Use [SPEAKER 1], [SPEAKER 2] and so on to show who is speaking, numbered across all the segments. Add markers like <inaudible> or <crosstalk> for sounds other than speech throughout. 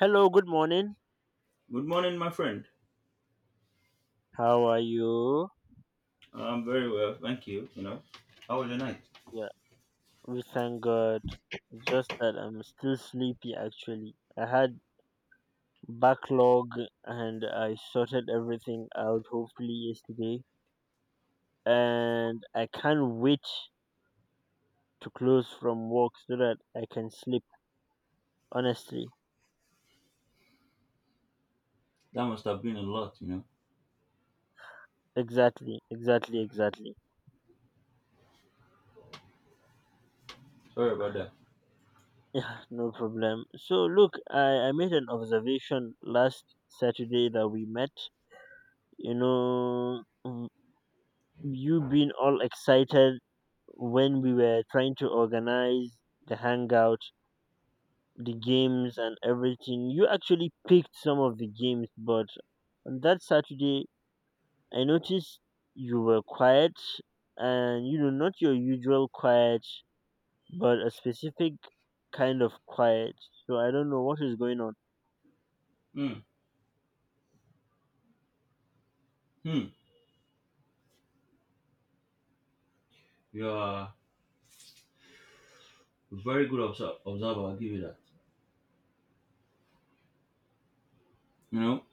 [SPEAKER 1] Hello, good morning.
[SPEAKER 2] Good morning, my friend.
[SPEAKER 1] How are you?
[SPEAKER 2] I'm very well, thank you. You know, how was your night?
[SPEAKER 1] Yeah, we thank God. It's just that I'm still sleepy actually. I had backlog and I sorted everything out hopefully yesterday. And I can't wait to close from work so that I can sleep. Honestly.
[SPEAKER 2] That must have been a lot, you know.
[SPEAKER 1] Exactly, exactly, exactly.
[SPEAKER 2] Sorry about that.
[SPEAKER 1] Yeah, no problem. So look, I made an observation last Saturday that we met. You know, you been all excited when we were trying to organize the hangout, the games, and everything. You actually picked some of the games, but on that Saturday, I noticed you were quiet and not your usual quiet, but a specific kind of quiet. So I don't know what is going on.
[SPEAKER 2] Hmm. Hmm. You are a very good observer. I'll give you that. You know,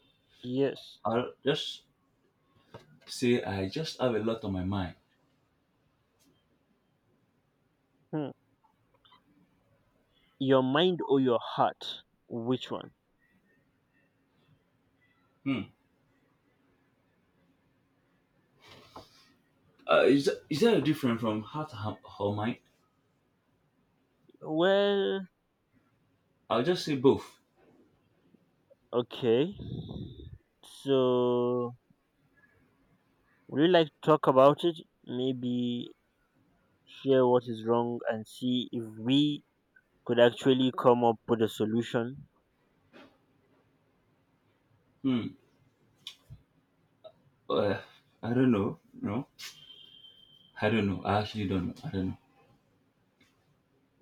[SPEAKER 1] Yes.
[SPEAKER 2] I'll just say I just have a lot on my mind.
[SPEAKER 1] Hmm. Your mind or your heart? Which one?
[SPEAKER 2] Hmm. Is that different from heart or mind?
[SPEAKER 1] Well,
[SPEAKER 2] I'll just say both.
[SPEAKER 1] okay. So would you like to talk about it? Maybe share what is wrong and see if we could actually come up with a solution.
[SPEAKER 2] Hmm. Uh, I don't know. No, I don't know. I actually don't know.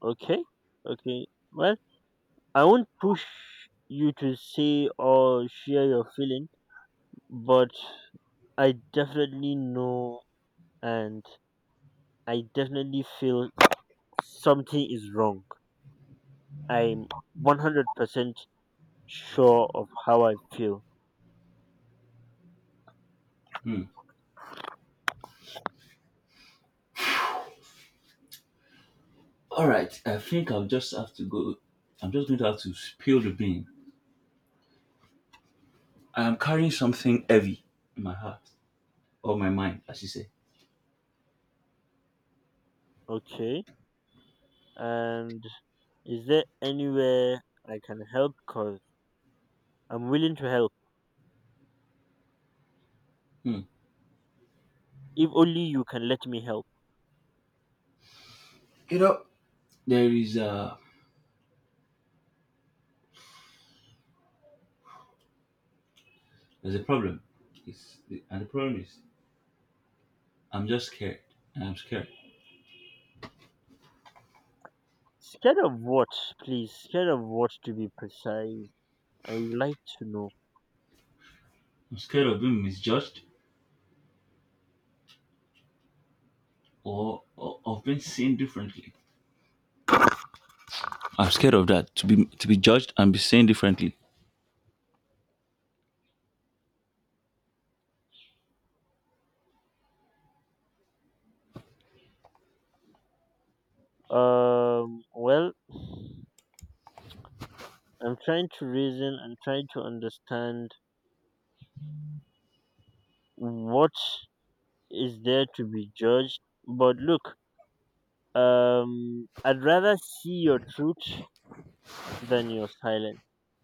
[SPEAKER 1] Okay, okay. Well, I won't push you to say or share your feeling, but I definitely know and I definitely feel something is wrong. I'm 100% sure of how I feel.
[SPEAKER 2] Hmm. All right. I think I'll just have to go. I'm just going to have to spill the beans. I am carrying something heavy in my heart or my mind, as you say.
[SPEAKER 1] Okay, and is there anywhere I can help? Cause I'm willing to help
[SPEAKER 2] Hmm.
[SPEAKER 1] if only you can let me help.
[SPEAKER 2] You know, there is a there's a problem. It's, and the problem is I'm just scared. And I'm scared.
[SPEAKER 1] Scared of what, please? Scared of what to be precise? I would like to know.
[SPEAKER 2] I'm scared of being misjudged or of being seen differently. I'm scared of that, to be judged and be seen differently.
[SPEAKER 1] Well, I'm trying to reason and trying to understand what is there to be judged. But look, I'd rather see your truth than your silence.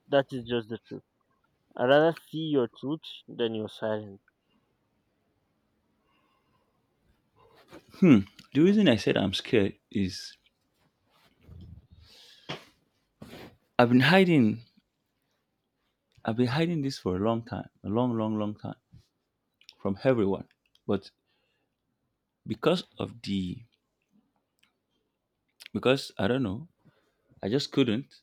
[SPEAKER 1] That is just the truth. I'd rather see your truth than your silence.
[SPEAKER 2] The reason I said I'm scared is I've been hiding. I've been hiding this for a long time, a long, long, long time from everyone. But because of the because I don't know, I just couldn't.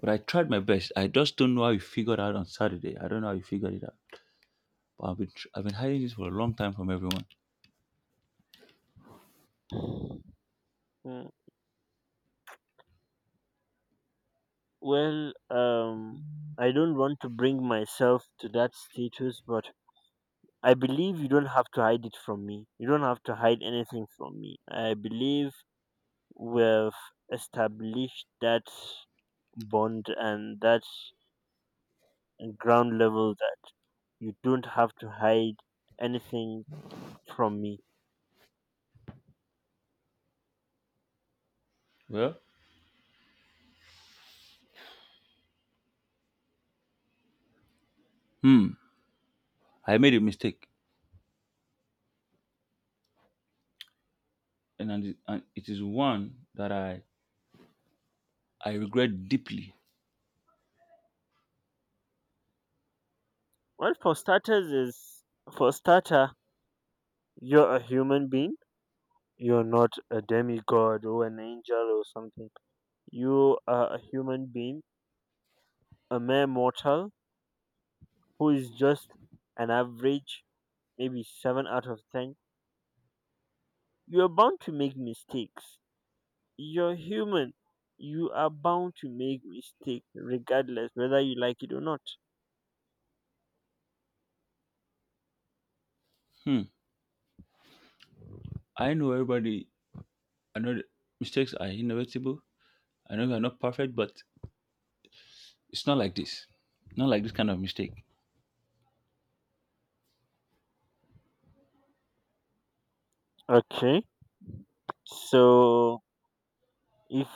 [SPEAKER 2] But I tried my best. I just don't know how you figured out on Saturday. I don't know how you figured it out. But I've been hiding this for a long time from everyone.
[SPEAKER 1] <sighs> Hmm. Well, I don't want to bring myself to that status, but I believe you don't have to hide it from me. You don't have to hide anything from me. I believe we've established that bond and that ground level that you don't have to hide anything from me.
[SPEAKER 2] Well, hmm, I made a mistake, and it is one that I regret deeply.
[SPEAKER 1] Well, for starters, is for starter, you're a human being. You're not a demigod or an angel or something. You are a human being, a mere mortal, who is just an average, maybe 7 out of 10. You are bound to make mistakes. You're human. You are bound to make mistakes, regardless whether you like it or not.
[SPEAKER 2] Hmm, I know everybody. I know that mistakes are inevitable. I know we are not perfect, but it's not like this. Not like this kind of mistake.
[SPEAKER 1] Okay. So if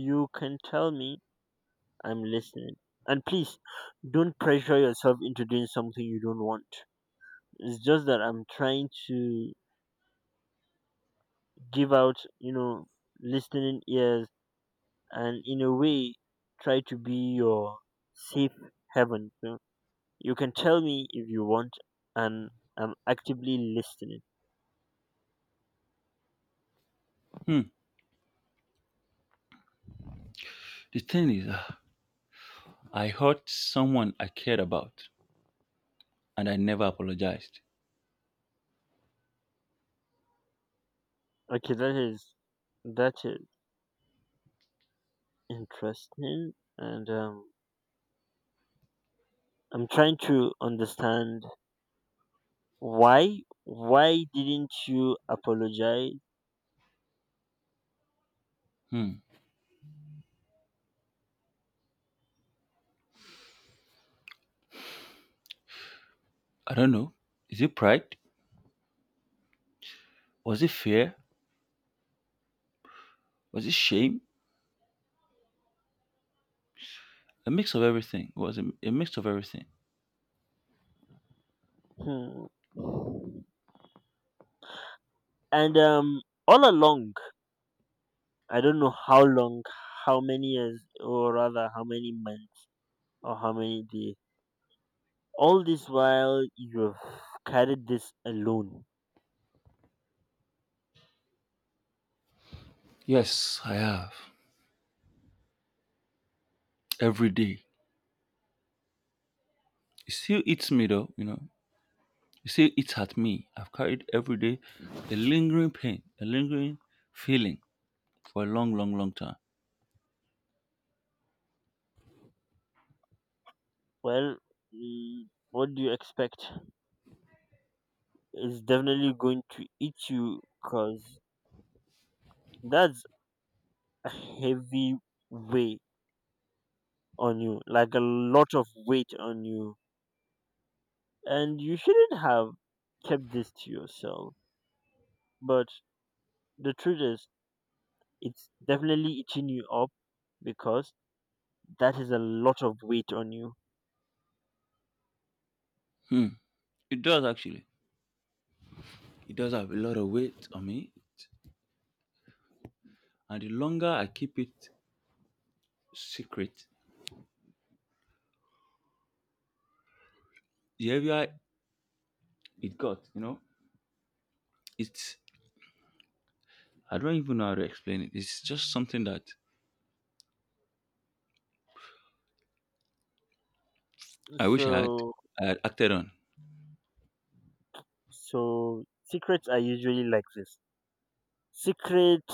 [SPEAKER 1] you can tell me, I'm listening. And please don't pressure yourself into doing something you don't want. It's just that I'm trying to give out, listening ears and in a way try to be your safe haven. You know? You can tell me if you want, and I'm actively listening.
[SPEAKER 2] Hmm. The thing is, I hurt someone I cared about, and I never apologized.
[SPEAKER 1] Okay, that is interesting, and I'm trying to understand why didn't you apologize?
[SPEAKER 2] Hmm. I don't know. Is it pride? Was it fear? Was it shame? A mix of everything. It was a mix of everything.
[SPEAKER 1] Hmm. And all along, I don't know how long, how many years, or rather how many months, or how many days. All this while you've carried this alone.
[SPEAKER 2] Yes, I have. Every day. It still eats me though, you know. It still eats at me. I've carried every day a lingering pain, a lingering feeling for a long, long, long time.
[SPEAKER 1] Well, mm, what do you expect? It's definitely going to eat you because that's a heavy weight on you, like a lot of weight on you. And you shouldn't have kept this to yourself. But the truth is, it's definitely eating you up because that is a lot of weight on you.
[SPEAKER 2] Hmm. It does actually. It does have a lot of weight on me. And the longer I keep it secret, the heavier it got, you know. It's I don't even know how to explain it. It's just something that I wish I
[SPEAKER 1] So,
[SPEAKER 2] had acted on.
[SPEAKER 1] so secrets are usually like this. Secret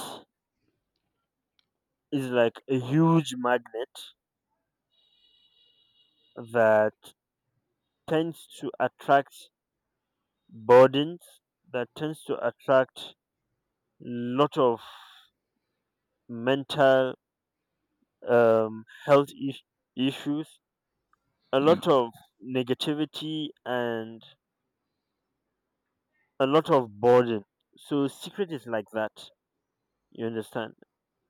[SPEAKER 1] is like a huge magnet that tends to attract burdens, that tends to attract lot of mental health issues, a
[SPEAKER 2] Hmm.
[SPEAKER 1] lot of negativity, and a lot of burden. So, secret is like that, you understand?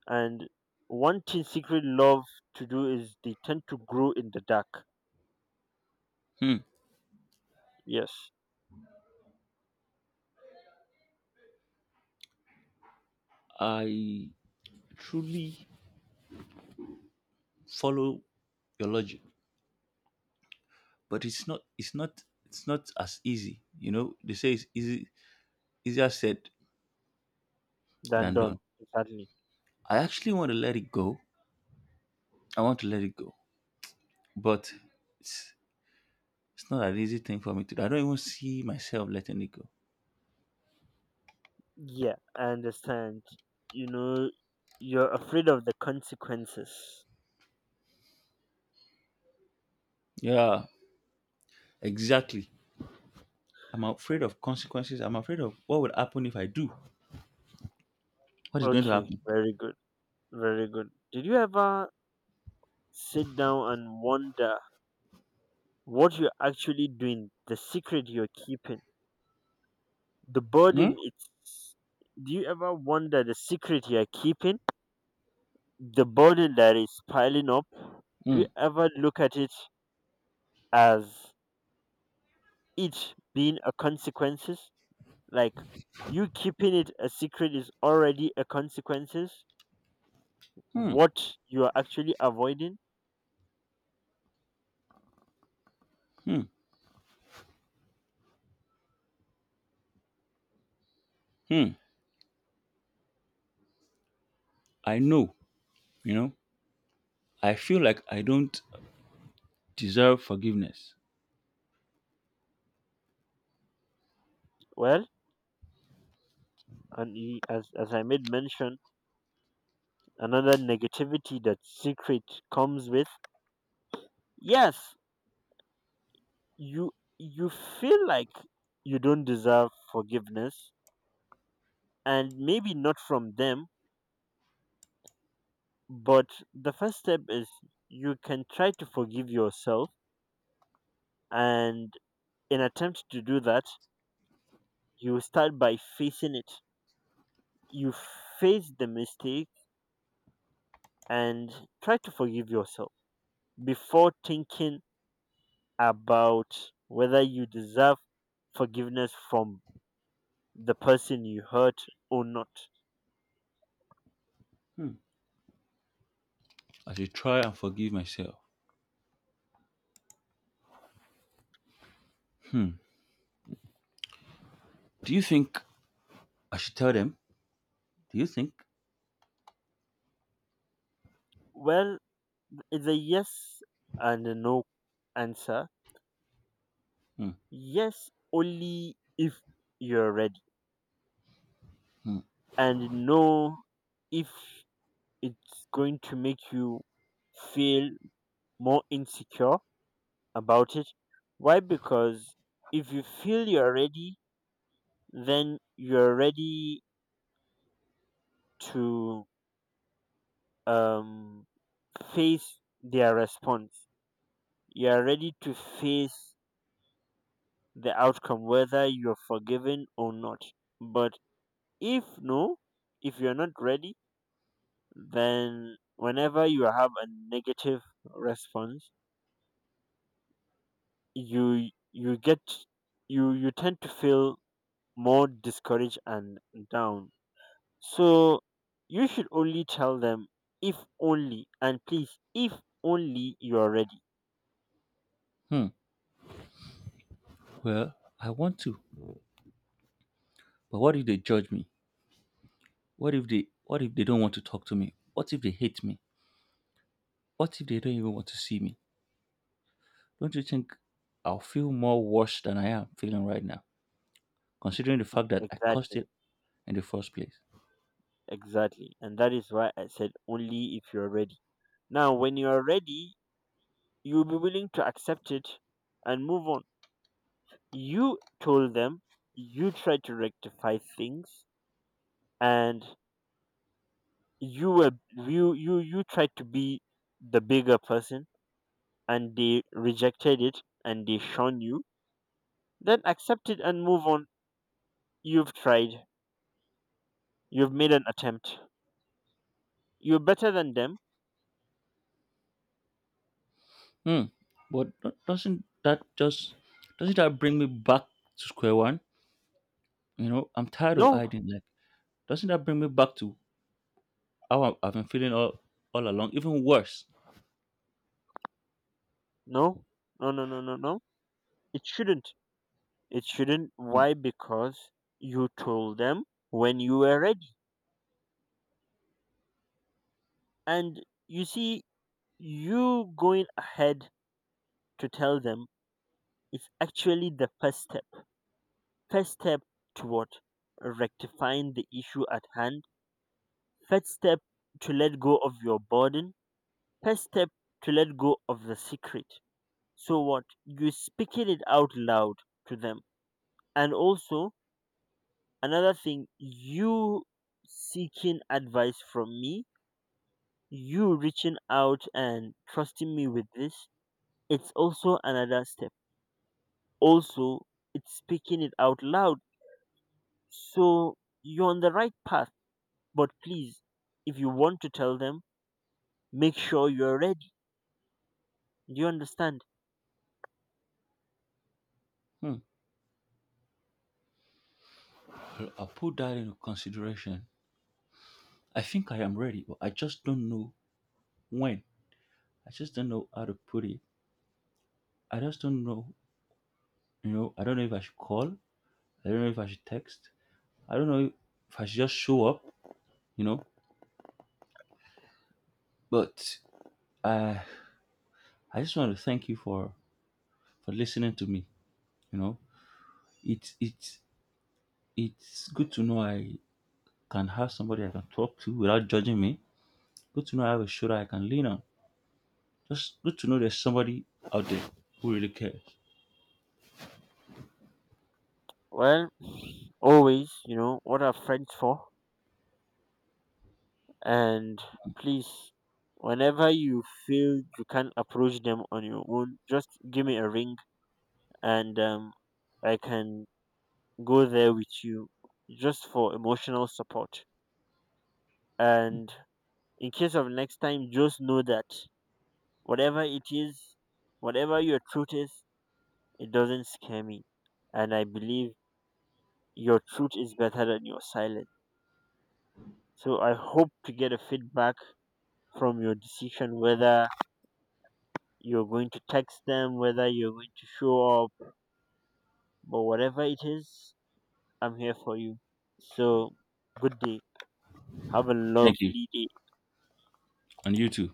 [SPEAKER 1] And one thing secret love to do is they tend to grow in the dark.
[SPEAKER 2] Hmm.
[SPEAKER 1] Yes,
[SPEAKER 2] I truly follow your logic, but it's not as easy. You know, they say it's easy easier said
[SPEAKER 1] than
[SPEAKER 2] than
[SPEAKER 1] done.
[SPEAKER 2] done.
[SPEAKER 1] Exactly.
[SPEAKER 2] I actually want to let it go. I want to let it go, but it's it's not an easy thing for me to do. I don't even see myself letting it go.
[SPEAKER 1] Yeah, I understand. You know, you're afraid of the consequences.
[SPEAKER 2] Yeah, exactly. I'm afraid of consequences. I'm afraid of what would happen if I do. What is going to
[SPEAKER 1] Okay,
[SPEAKER 2] happen?
[SPEAKER 1] very good. Very good. Did you ever sit down and wonder what you're actually doing, the secret you're keeping, the
[SPEAKER 2] Hmm?
[SPEAKER 1] burden it's. Do you ever wonder the secret you're keeping, the burden that is piling up? Do you
[SPEAKER 2] Hmm.
[SPEAKER 1] ever look at it as it being a consequences? Like, you keeping it a secret is already a consequences
[SPEAKER 2] Hmm.
[SPEAKER 1] what you are actually avoiding.
[SPEAKER 2] Hmm. Hmm. I know. You know. I feel like I don't. Deserve forgiveness.
[SPEAKER 1] Well, and as I made mention, another negativity that secret comes with. Yes, you you feel like you don't deserve forgiveness, and maybe not from them, but the first step is you can try to forgive yourself. And in attempt to do that, you start by facing it. You face the mistake and try to forgive yourself before thinking about whether you deserve forgiveness from the person you hurt or not?
[SPEAKER 2] I should try and forgive myself. Do you think I should tell them? Do you think?
[SPEAKER 1] Well, it's a yes and a no answer.
[SPEAKER 2] Hmm.
[SPEAKER 1] Yes, only if you're ready, and no, if it's going to make you feel more insecure about it. Why? Because if you feel you're ready, then you're ready to um, face their response. You are ready to face the outcome, whether you're forgiven or not. But if no, if you're not ready, then whenever you have a negative response, you get you you tend to feel more discouraged and down. So you should only tell them if only and please if only you are ready.
[SPEAKER 2] Hmm. Well, I want to. But what if they judge me? What if they don't want to talk to me? What if they hate me? What if they don't even want to see me? Don't you think I'll feel more worse than I am feeling right now, considering the fact that I caused
[SPEAKER 1] Exactly.
[SPEAKER 2] it in the first place?
[SPEAKER 1] Exactly. And that is why I said only if you're ready. Now, when you're ready, you'll be willing to accept it and move on. You told them, you tried to rectify things, and you were you you you tried to be the bigger person and they rejected it and they shun you. Then accept it and move on. You've tried. You've made an attempt. You're better than them.
[SPEAKER 2] Hmm. But doesn't that bring me back to square one? You know, I'm tired of
[SPEAKER 1] No,
[SPEAKER 2] hiding. Like, doesn't that bring me back to how I've been feeling all along, even worse.
[SPEAKER 1] no, no, no, no, no, no. It shouldn't. It shouldn't.
[SPEAKER 2] Hmm,
[SPEAKER 1] Why? Because you told them when you were ready. And you see, you going ahead to tell them is actually the first step. First step to what? Rectifying the issue at hand. First step to let go of your burden. First step to let go of the secret. So what? You speaking it out loud to them. And also, another thing, you seeking advice from me, you reaching out and trusting me with this, it's also another step. Also, it's speaking it out loud. So you're on the right path, but please, if you want to tell them, make sure you're ready. Do you understand?
[SPEAKER 2] hmm. I'll put that into consideration. I think I am ready, but I just don't know when. I just don't know how to put it. I just don't know. You know, I don't know if I should call. I don't know if I should text. I don't know if I should just show up. You know, but I I just want to thank you for listening to me. You know, it's it's it's good to know I can have somebody I can talk to without judging me. Good to know I have a shoulder I can lean on. Just good to know there's somebody out there who really cares.
[SPEAKER 1] Well, always, you know what are friends for. And please, whenever you feel you can't approach them on your own, just give me a ring. And I can go there with you just for emotional support. And in case of next time, just know that whatever it is, whatever your truth is, it doesn't scare me. And I believe your truth is better than your silence. So I hope to get a feedback from your decision whether you're going to text them, whether you're going to show up, but whatever it is, I'm here for you. So good day. Have a
[SPEAKER 2] Thank you.
[SPEAKER 1] lovely day.
[SPEAKER 2] And you too.